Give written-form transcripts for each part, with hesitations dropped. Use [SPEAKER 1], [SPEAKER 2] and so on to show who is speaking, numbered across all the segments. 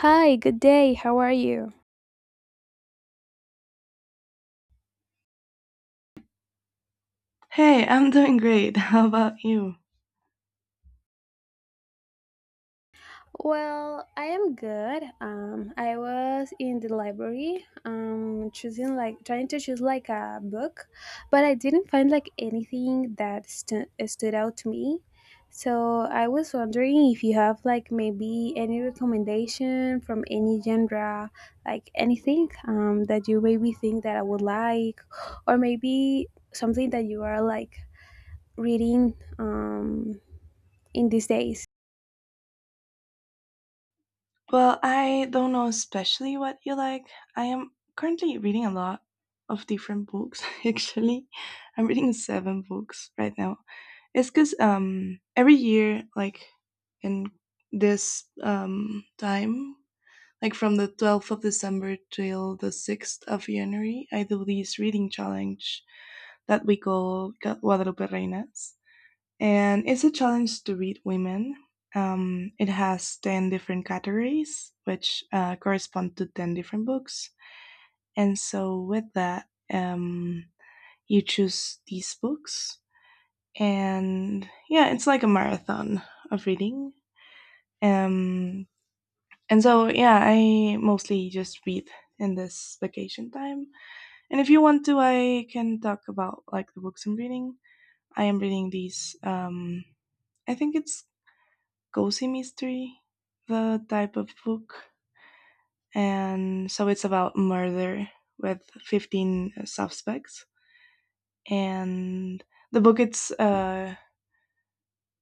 [SPEAKER 1] Hi, good day. How are you?
[SPEAKER 2] Hey, I'm doing great. How about you?
[SPEAKER 1] Well, I am good. I was in the library, choosing like trying to choose like a book, but I didn't find like anything that stood out to me. So I was wondering if you have like maybe any recommendation from any genre, like anything that you maybe think that I would like, or maybe something that you are like reading in these days.
[SPEAKER 2] Well, I don't know especially what you like. I am currently reading a lot of different books, actually. I'm reading seven books right now. It's because every year, like in this time, like from the 12th of December till the 6th of January, I do this reading challenge that we call Guadalupe Reinas. And it's a challenge to read women. It has 10 different categories, which correspond to 10 different books. And so, with that, you choose these books. And yeah, it's like a marathon of reading. Um, yeah, I mostly just read in this vacation time. And if you want to, I can talk about like the books I'm reading. I am reading these. I think it's cozy mystery the type of book, and so it's about murder with 15 suspects, and the book it's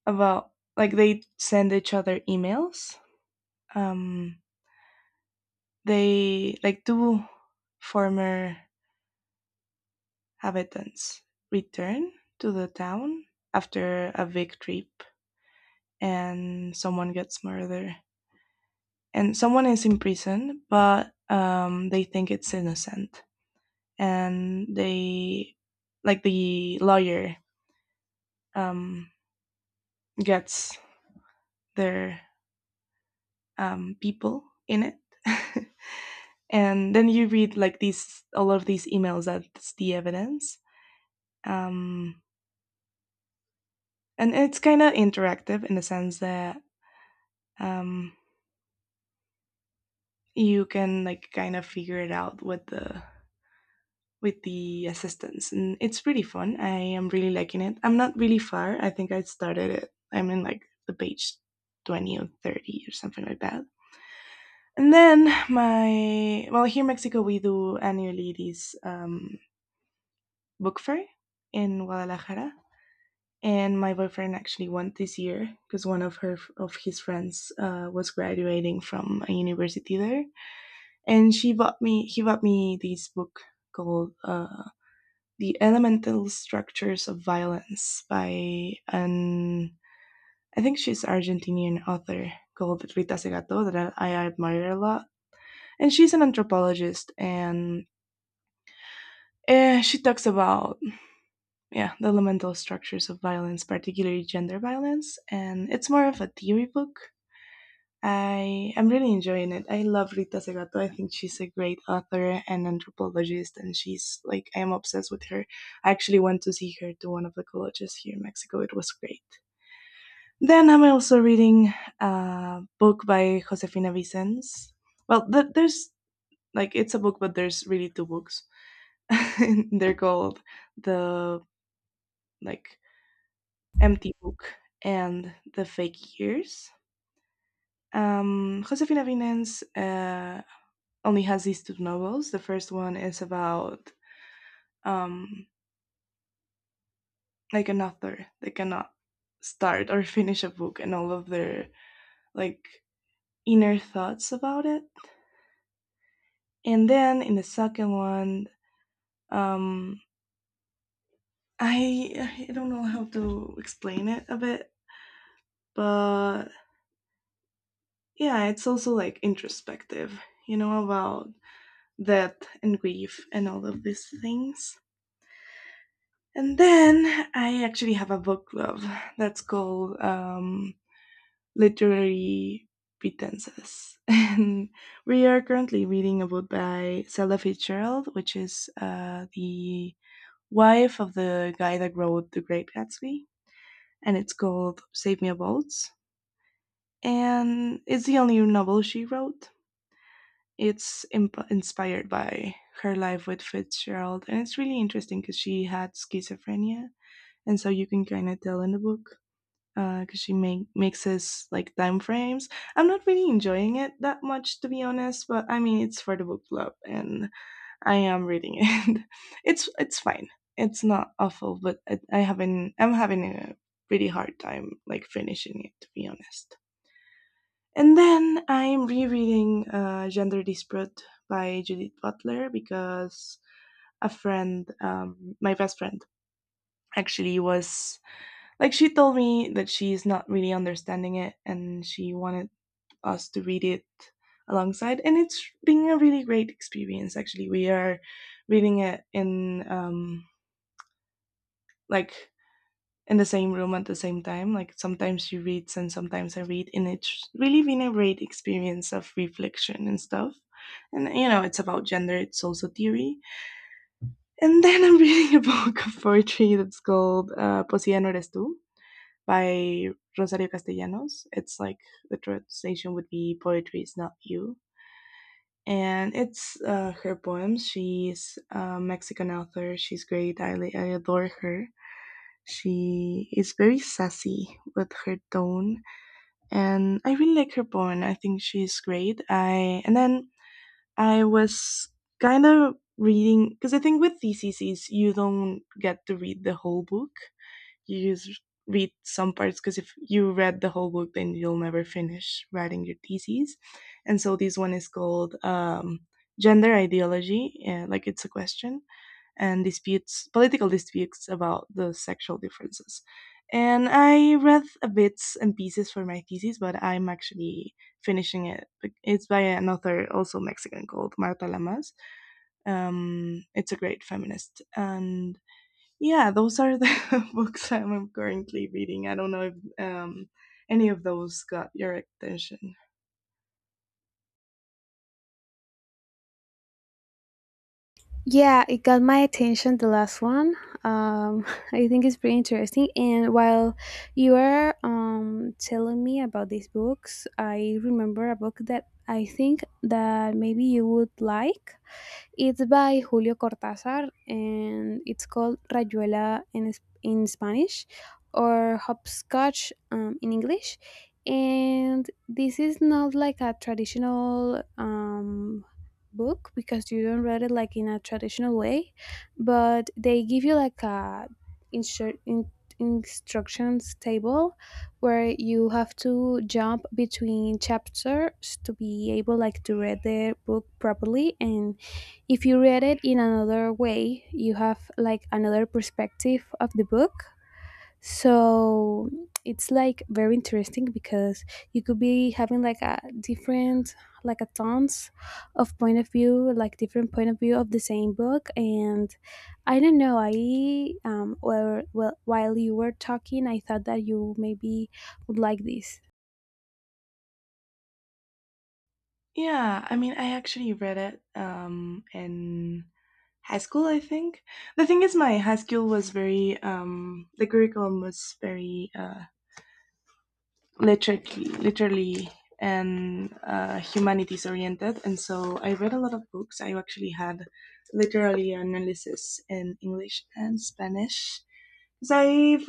[SPEAKER 2] about like they send each other emails, um, they like two former habitants return to the town after a big trip, and someone gets murdered, and someone is in prison, but they think it's innocent, and they like the lawyer um, gets their people in it. And then you read like these all of these emails, that's the evidence, um, and it's kind of interactive in the sense that um, you can like kind of figure it out with the assistance, and it's pretty fun. I am really liking it. I'm not really far. I think I started it, I'm in like the page 20 or 30 or something like that. And then my, well, here in Mexico we do annually these book fair in Guadalajara, and my boyfriend actually went this year because one of her of his friends was graduating from a university there, and she bought me he bought me this book called "The Elemental Structures of Violence" by an, I think she's Argentinian author called Rita Segato, that I admire a lot, and she's an anthropologist. And she talks about, yeah, the elemental structures of violence, particularly gender violence, and it's more of a theory book. I am really enjoying it. I love Rita Segato. I think she's a great author and anthropologist, and she's like, I am obsessed with her. I actually went to see her to one of the colleges here in Mexico. It was great. Then I'm also reading a book by Josefina Vicens. Well, there's like, it's a book, but there's really two books. They're called the like Empty Book and The Fake Years. Josefina Vinens only has these two novels. The first one is about um, like an author that cannot start or finish a book, and all of their like inner thoughts about it. And then in the second one, um, I don't know how to explain it a bit, but yeah, it's also like introspective, you know, about death and grief and all of these things. And then I actually have a book club that's called Literary Pretenses. And we are currently reading a book by Zelda Fitzgerald, which is the wife of the guy that wrote The Great Gatsby. And it's called Save Me a Boat. And it's the only novel she wrote. It's inspired by her life with Fitzgerald, and it's really interesting because she had schizophrenia, and so you can kind of tell in the book because mixes like time frames. I'm not really enjoying it that much, to be honest, but I mean, it's for the book club, and I am reading it. It's fine. It's not awful, but I haven't. I'm having a pretty hard time like finishing it, to be honest. And then I'm rereading Gender Dispute by Judith Butler because a friend, my best friend, actually was like, she told me that she's not really understanding it and she wanted us to read it alongside. And it's been a really great experience, actually. We are reading it in like in the same room at the same time. Like sometimes she reads and sometimes I read, and it's really been a great experience of reflection and stuff. And you know, it's about gender, it's also theory. And then I'm reading a book of poetry that's called Poesía no eres tú by Rosario Castellanos. It's like the translation would be Poetry is not you. And it's her poems. She's a Mexican author. She's great. I adore her. She is very sassy with her tone, and I really like her poem. I think she's great. I And then I was kind of reading because I think with theses you don't get to read the whole book. You just read some parts, because if you read the whole book, then you'll never finish writing your theses. And so this one is called "Gender Ideology," like it's a question and disputes, political disputes about the sexual differences. And I read a bits and pieces for my thesis, but I'm actually finishing it. It's by an author, also Mexican, called Marta Lamas. It's a great feminist. And yeah, those are the books I'm currently reading. I don't know if any of those got your attention.
[SPEAKER 1] Yeah, it got my attention, the last one. Um, I think it's pretty interesting. And while you are telling me about these books, I remember a book that I think that maybe you would like. It's by Julio Cortázar and it's called Rayuela in Spanish or Hopscotch in English. And this is not like a traditional book because you don't read it like in a traditional way, but they give you like a instru- in- instructions table where you have to jump between chapters to be able like to read the book properly, and if you read it in another way, you have like another perspective of the book. So it's like very interesting because you could be having like a different, like a tons of point of view, like different point of view of the same book. And I don't know, I, well, while you were talking, I thought that you maybe would like this.
[SPEAKER 2] Yeah, I mean, I actually read it in high school, I think. The thing is, my high school was very, the curriculum was very literally, literally and humanities oriented. And so I read a lot of books. I actually had literary analysis in English and Spanish. So I've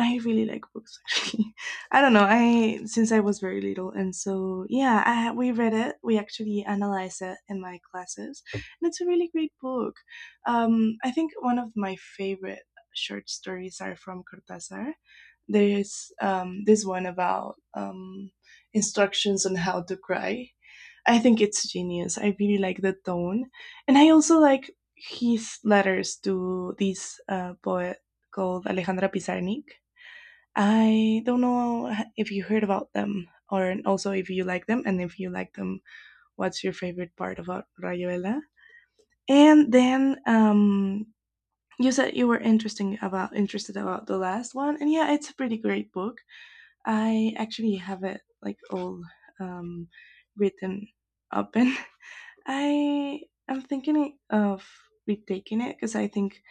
[SPEAKER 2] I really like books, actually. I don't know. I, since I was very little, and so yeah, we read it. We actually analyze it in my classes, and it's a really great book. I think one of my favorite short stories are from Cortázar. There's this one about instructions on how to cry. I think it's genius. I really like the tone, and I also like his letters to this poet called Alejandra Pizarnik. I don't know if you heard about them, or also if you like them, and if you like them, what's your favorite part about Rayuela? And then you said you were interesting about interested about the last one, and yeah, it's a pretty great book. I actually have it like all um, written up, and I am thinking of retaking it because I think,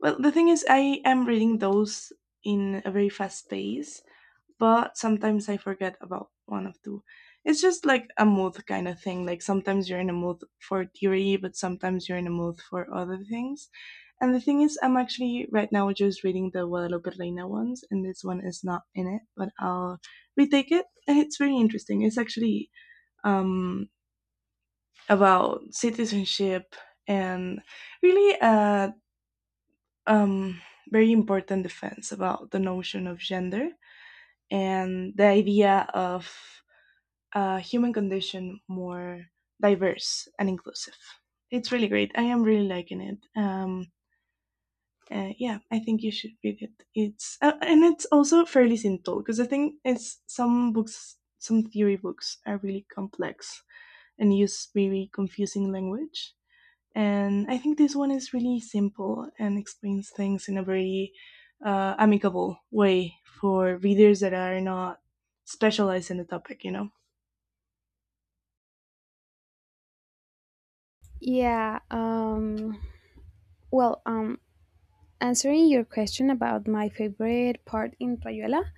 [SPEAKER 2] well, the thing is I am reading those in a very fast pace, but sometimes I forget about one of two. It's just like a mood kind of thing. Like sometimes you're in a mood for theory, but sometimes you're in a mood for other things. And the thing is, I'm actually right now just reading the Guadalupe Reina ones, and this one is not in it, but I'll retake it. And it's very interesting. It's actually um, about citizenship and really a um, very important defense about the notion of gender and the idea of human condition more diverse and inclusive. It's really great. I am really liking it. Yeah, I think you should read it. It's And it's also fairly simple because I think it's some books, some theory books are really complex and use very confusing language. And I think this one is really simple and explains things in a very amicable way for readers that are not specialized in the topic. You know.
[SPEAKER 1] Yeah. Well, answering your question about my favorite part in Rayuela,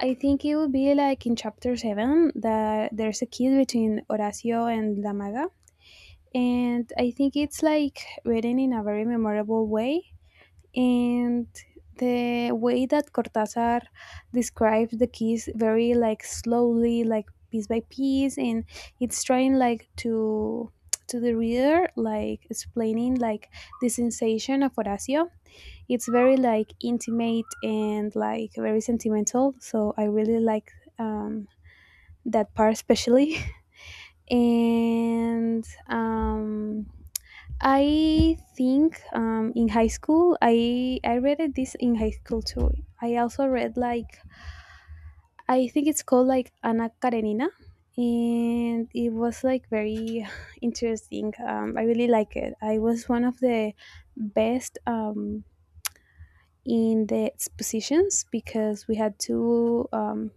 [SPEAKER 1] I think it would be like in chapter seven that there's a kiss between Horacio and Damaga, and I think it's like written in a very memorable way. And the way that Cortázar describes the kiss very like slowly, like piece by piece, and it's trying like to the reader like explaining like the sensation of Horacio, it's very like intimate and like very sentimental, so I really like um, that part especially. And I think in high school, I read it this in high school too. I also read like I think it's called like Anna Karenina, and it was like very interesting. I really like it. I was one of the best. In the expositions because we had to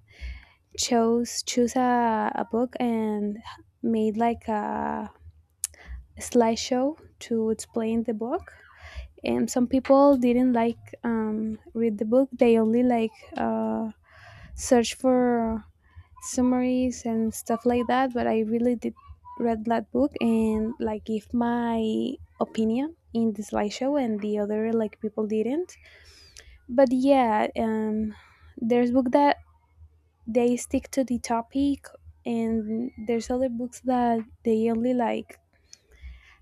[SPEAKER 1] chose choose a book and made like a slideshow to explain the book, and some people didn't like read the book, they only like search for summaries and stuff like that, but I really did read that book and like give my opinion in the slideshow and the other like people didn't. But yeah, there's book that they stick to the topic, and there's other books that they only like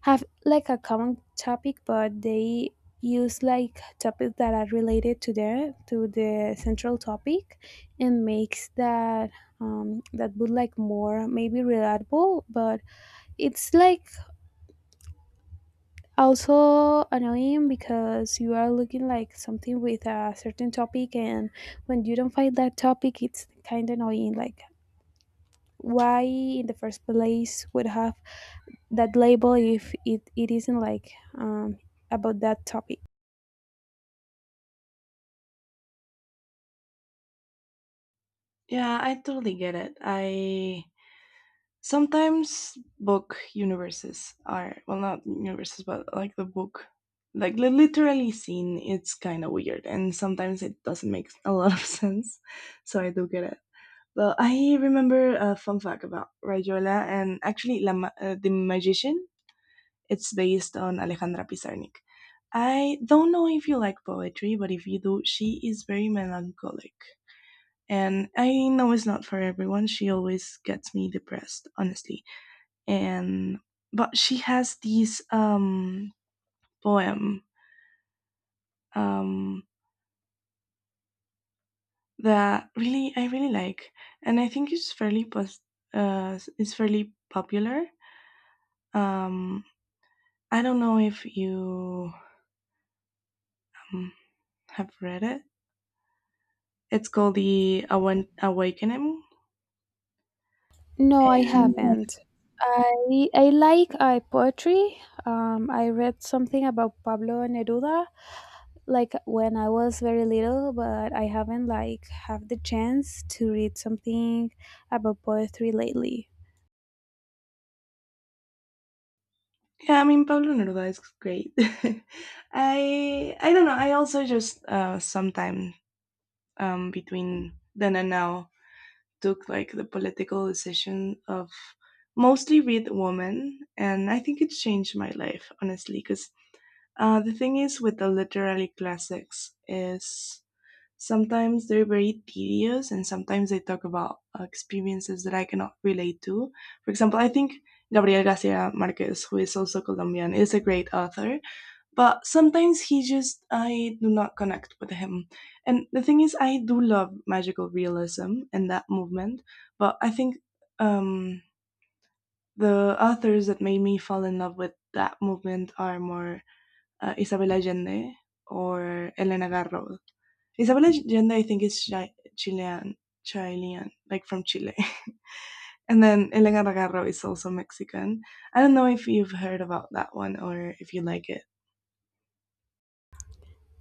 [SPEAKER 1] have like a common topic but they use like topics that are related to the central topic and makes that that book like more maybe relatable, but it's like also annoying because you are looking like something with a certain topic, and when you don't find that topic it's kind of annoying, like why in the first place would have that label if it isn't like about that topic.
[SPEAKER 2] Yeah, I totally get it. I sometimes, book universes are, well, not universes, but like the book, like the literally scene. It's kind of weird, and sometimes it doesn't make a lot of sense. So I do get it. But I remember a fun fact about Rayola, and actually, the magician. It's based on Alejandra Pizarnik. I don't know if you like poetry, but if you do, she is very melancholic, and I know it's not for everyone. She always gets me depressed, honestly. And, but she has these poem um that really I really like, and I think it's it's fairly popular. Um, I don't know if you um, have read it. It's called the Awakening.
[SPEAKER 1] No, I
[SPEAKER 2] And
[SPEAKER 1] haven't. I like poetry. I read something about Pablo Neruda like when I was very little, but I haven't like have the chance to read something about poetry lately.
[SPEAKER 2] yeah, I mean, Pablo Neruda is great. I don't know. I also just sometimes between then and now took like the political decision of mostly read women, and I think it changed my life honestly because the thing is with the literary classics is sometimes they're very tedious and sometimes they talk about experiences that I cannot relate to. For example, I think Gabriel Garcia Marquez, who is also Colombian, is a great author, but sometimes he just, I do not connect with him. And the thing is I do love magical realism and that movement, but I think um, the authors that made me fall in love with that movement are more Isabel Allende or Elena Garro. Isabel Allende I think is Chilean, Chilean, like from Chile. And then Elena Garro is also Mexican. I don't know if you've heard about that one or if you like it.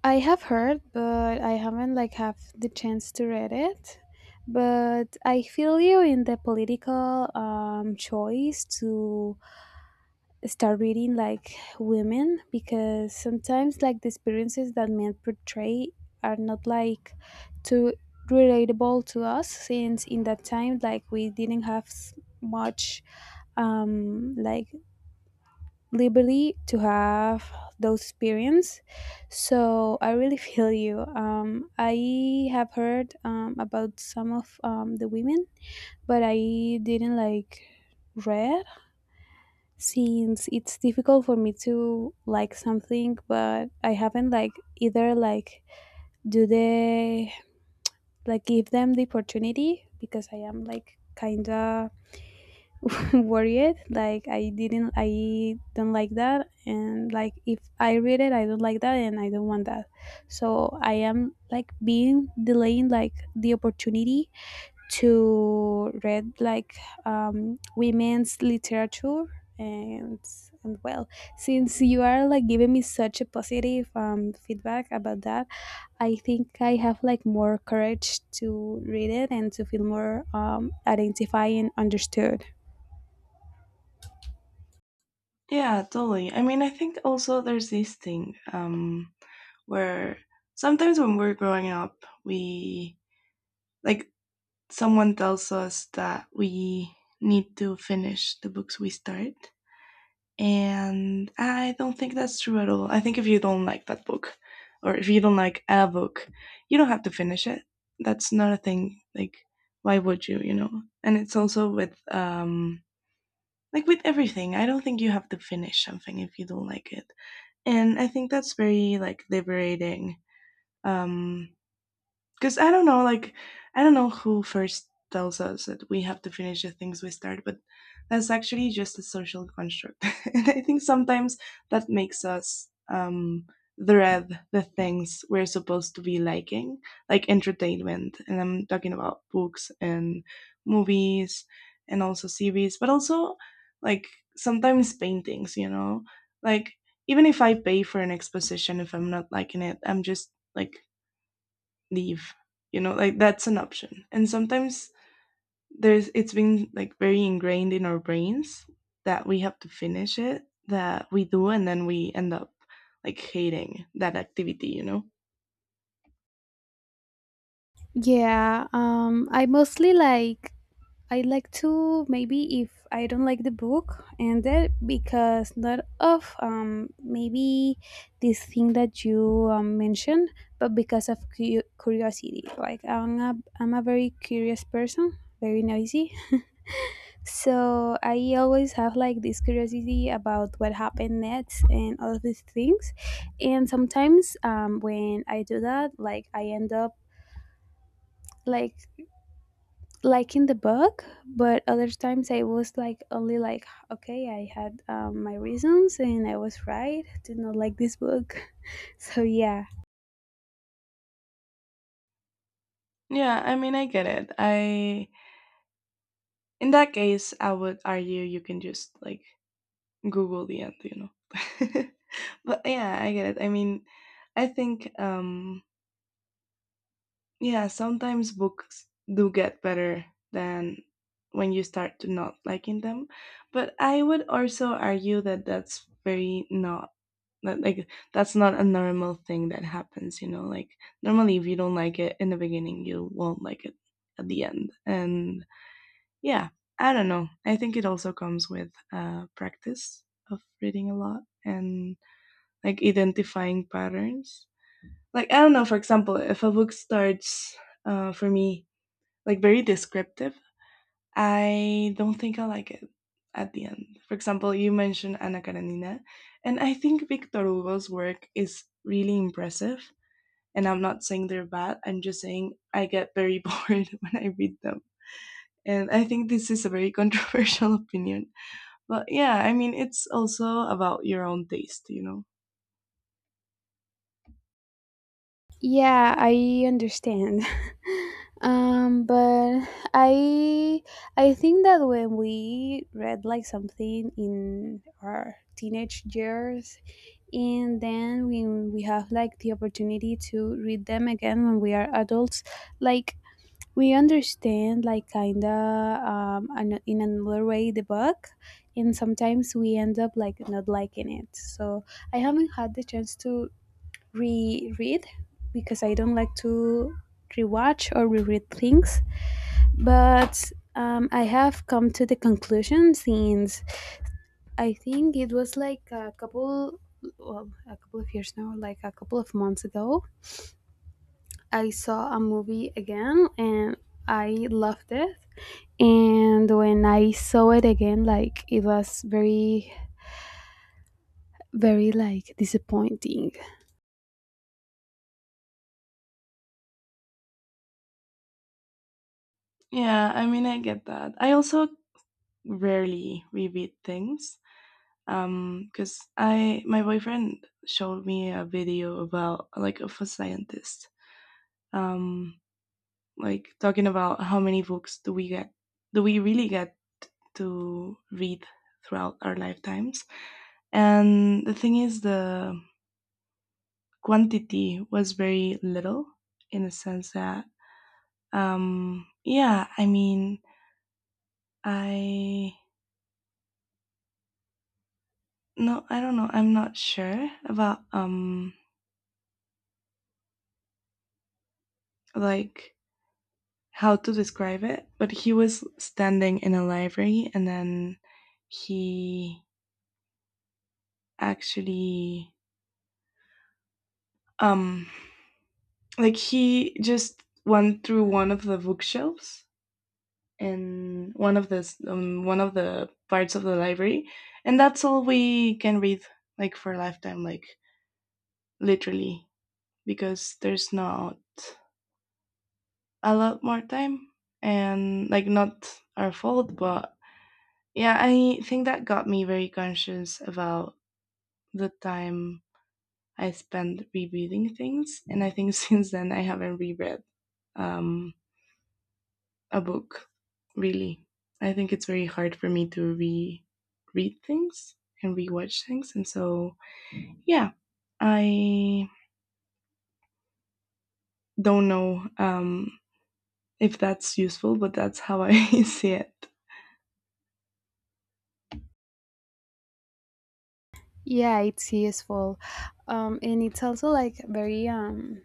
[SPEAKER 1] I have heard, but I haven't like have the chance to read it. But I feel you in the political choice to start reading like women, because sometimes like the experiences that men portray are not like too relatable to us, since in that time like we didn't have much like liberty to have those experience. So I really feel you. I have heard about some of the women, but I didn't like read, since it's difficult for me to like something, but I haven't like either like do the like give them the opportunity because I am like kinda worried, like I don't like that, and like if I read it I don't like that and I don't want that, so I am like being delaying like the opportunity to read like women's literature. and and well, since you are like giving me such a positive feedback about that, I think I have like more courage to read it and to feel more identified and understood.
[SPEAKER 2] Yeah, totally. I mean, I think also there's this thing, where sometimes when we're growing up, we, like, someone tells us that we need to finish the books we start. And I don't think that's true at all. I think if you don't like that book or if you don't like a book, you don't have to finish it. That's not a thing. Like, why would you, you know? And it's also with, like, with everything. I don't think you have to finish something if you don't like it, and I think that's very like liberating. Um, because I don't know, like, I don't know who first tells us that we have to finish the things we start, but that's actually just a social construct, and I think sometimes that makes us, dread the things we're supposed to be liking, like entertainment, and I'm talking about books and movies and also series, but also, like, sometimes paintings, you know, like, even if I pay for an exposition, if I'm not liking it, I'm just like, leave, you know? Like that's an option. And sometimes there's, it's been like very ingrained in our brains that we have to finish it, that we do, and then we end up like hating that activity, you know?
[SPEAKER 1] Yeah. I mostly like, I like to maybe if I don't like the book and that because not of maybe this thing that you mentioned, but because of curiosity. Like I'm a very curious person, very noisy. So I always have like this curiosity about what happened next and all of these things. And sometimes when I do that, like I end up like liking the book, but other times I was like only like, okay, I had my reasons and I was right to not like this book. So yeah.
[SPEAKER 2] Yeah, I mean, I get it. I, in that case, I would argue you can just like Google the end, you know. But yeah, I get it. I mean, I think, um, yeah, sometimes books do get better than when you start to not liking them. But I would also argue that that's very not, that, like, that's not a normal thing that happens, you know. Like normally if you don't like it in the beginning, you won't like it at the end. And yeah, I don't know. I think it also comes with practice of reading a lot and like identifying patterns. Like I don't know, for example, if a book starts for me like very descriptive, I don't think I like it at the end. For example, you mentioned Anna Karenina, and I think Victor Hugo's work is really impressive. And I'm not saying they're bad. I'm just saying I get very bored when I read them. And I think this is a very controversial opinion. But yeah, I mean, it's also about your own taste, you know?
[SPEAKER 1] Yeah, I understand. But i I think that when we read like something in our teenage years and then when we have like the opportunity to read them again when we are adults, like we understand like kinda in another way the book, and sometimes we end up like not liking it. So I haven't had the chance to reread, because I don't like to rewatch or reread things. But I have come to the conclusion since, I think it was like a couple well a couple of years now, like a couple of months ago, I saw a movie again and I loved it, and when I saw it again like it was very, very like disappointing.
[SPEAKER 2] Yeah, I mean, I get that. I also rarely reread things because, I, my boyfriend showed me a video about, like, of a scientist, um like, talking about how many books do we get, do we really get to read throughout our lifetimes. And the thing is, the quantity was very little, in the sense that, yeah, I mean, I no, I don't know, I'm not sure about, like, how to describe it, but he was standing in a library and then he actually, um like, he just went through one of the bookshelves in one of the, one of the parts of the library, and that's all we can read, like, for a lifetime, like, literally, because there's not a lot more time, and like, not our fault, but yeah, I think that got me very conscious about the time I spent rereading things. And I think since then I haven't reread, um, a book, really. I think it's very hard for me to re read things and rewatch things. And so, yeah, I don't know if that's useful, but that's how I see it.
[SPEAKER 1] Yeah, it's useful. And it's also like very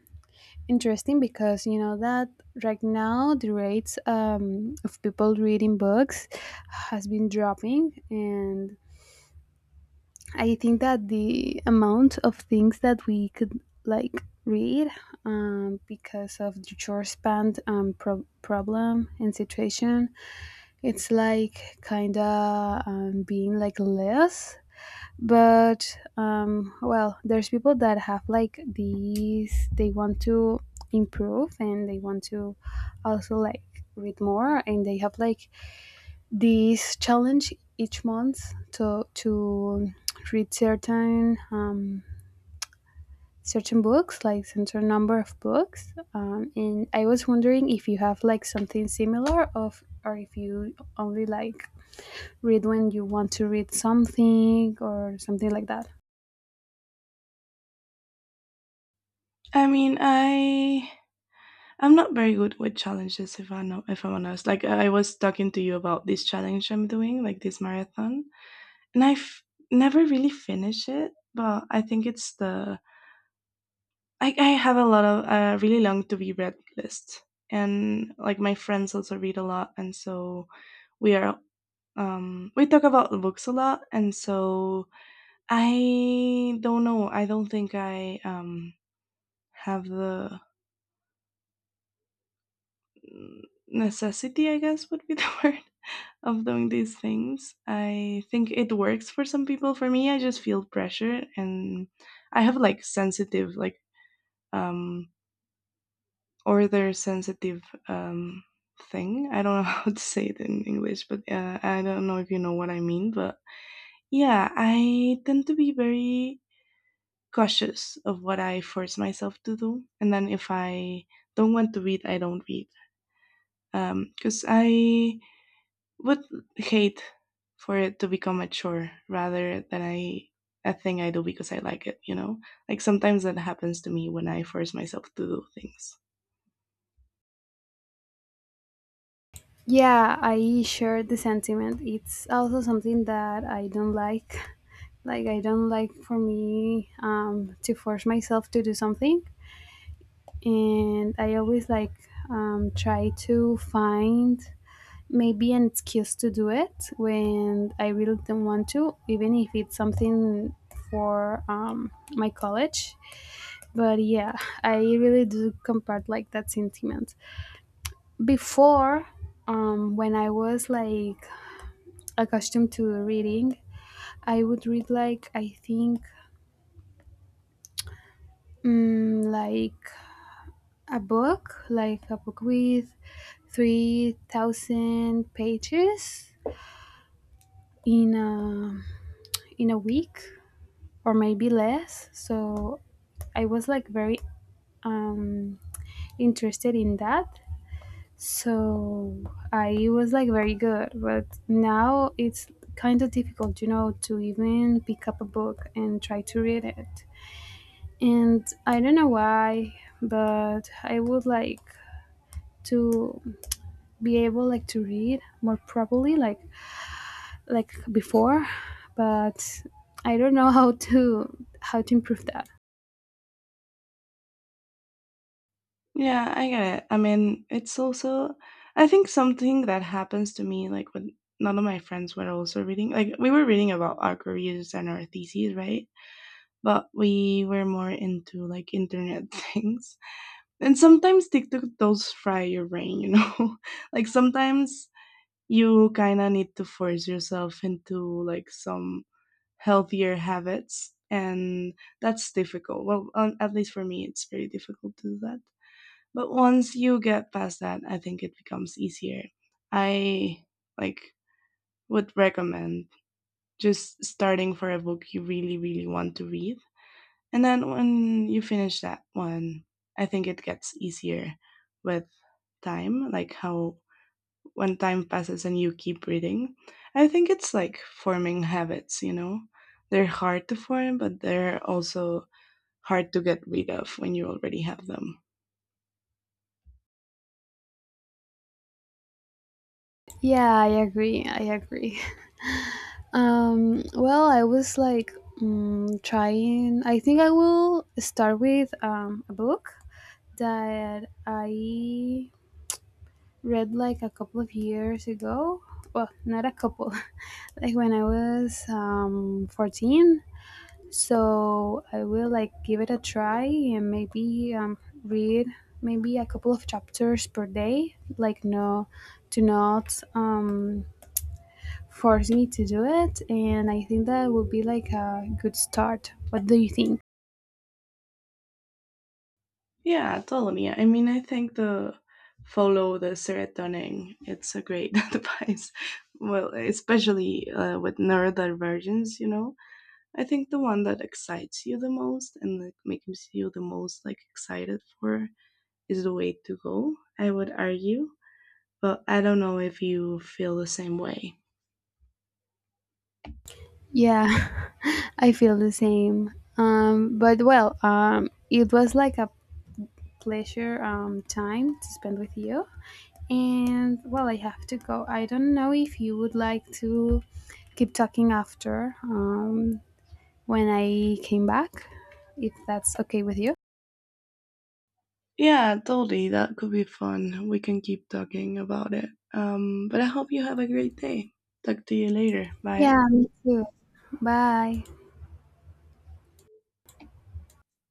[SPEAKER 1] interesting because you know that right now the rates of people reading books has been dropping, and I think that the amount of things that we could like read because of the short span problem and situation, it's like kinda being like less. But well, there's people that have like these, they want to improve and they want to also like read more, and they have like this challenge each month to read certain certain books, like certain number of books. And I was wondering if you have like something similar, of, or if you only like read when you want to read something or something like that.
[SPEAKER 2] I mean, I'm not very good with challenges, if I know, if I'm honest. Like I was talking to you about this challenge I'm doing, like this marathon, and I've never really finished it. But I think it's the, I have a lot of really long to be read list, and like my friends also read a lot, and so we are, we talk about books a lot, and so I don't know. I don't think I, have the necessity, I guess, would be the word of doing these things. I think it works for some people. For me, I just feel pressure, and I have like sensitive, like, um, order sensitive, um, thing. I don't know how to say it in English, but I don't know if you know what I mean. But yeah, I tend to be very cautious of what I force myself to do. And then if I don't want to read, I don't read. Because I would hate for it to become a chore rather than I a thing I do because I like it, you know? Like sometimes that happens to me when I force myself to do things.
[SPEAKER 1] Yeah, I share the sentiment. It's also something that I don't like. Like, I don't like for me to force myself to do something. And I always like try to find maybe an excuse to do it when I really don't want to, even if it's something for my college. But yeah, I really do compart like that sentiment. Before, when I was like accustomed to reading, I would read like I think mm, like like a book with 3,000 pages in a in a week or maybe less. So I was like very um, interested in that. So I was like very good, but now it's kind of difficult, you know, to even pick up a book and try to read it. And I don't know why, but I would like to be able like to read more properly like before, but I don't know how to improve that.
[SPEAKER 2] Yeah, I get it. I mean, it's also, I think something that happens to me, like when none of my friends were also reading. Like we were reading about our careers and our theses, right? But we were more into like internet things. And sometimes TikTok does fry your brain, you know? Like sometimes you kind of need to force yourself into like some healthier habits. And that's difficult. Well, at least for me, it's very difficult to do that. But once you get past that, I think it becomes easier. I, like, would recommend just starting for a book you really, really want to read, and then when you finish that one, I think it gets easier with time, like how, when time passes and you keep reading. I think it's like forming habits, you know? They're hard to form, but they're also hard to get rid of when you already have them.
[SPEAKER 1] Yeah, I agree. I agree. Well, I was like trying. I think I will start with a book that I read like a couple of years ago. Well, not a couple, like when I was 14. So I will like give it a try, and maybe read maybe a couple of chapters per day, like no, to not force me to do it, and I think that would be like a good start. What do you think?
[SPEAKER 2] Yeah, totally. I mean, I think the, follow the serotonin, it's a great advice. Well, especially with neurodivergence, you know? I think the one that excites you the most and like makes you the most like excited for is the way to go, I would argue. But I don't know if you feel the same way.
[SPEAKER 1] Yeah. I feel the same. But well, it was like a pleasure time to spend with you, and well, I have to go. I don't know if you would like to keep talking after, when I came back, if that's okay with you.
[SPEAKER 2] Yeah, totally. That could be fun. We can keep talking about it. But I hope you have a great day. Talk to you later. Bye.
[SPEAKER 1] Yeah, me too. Bye.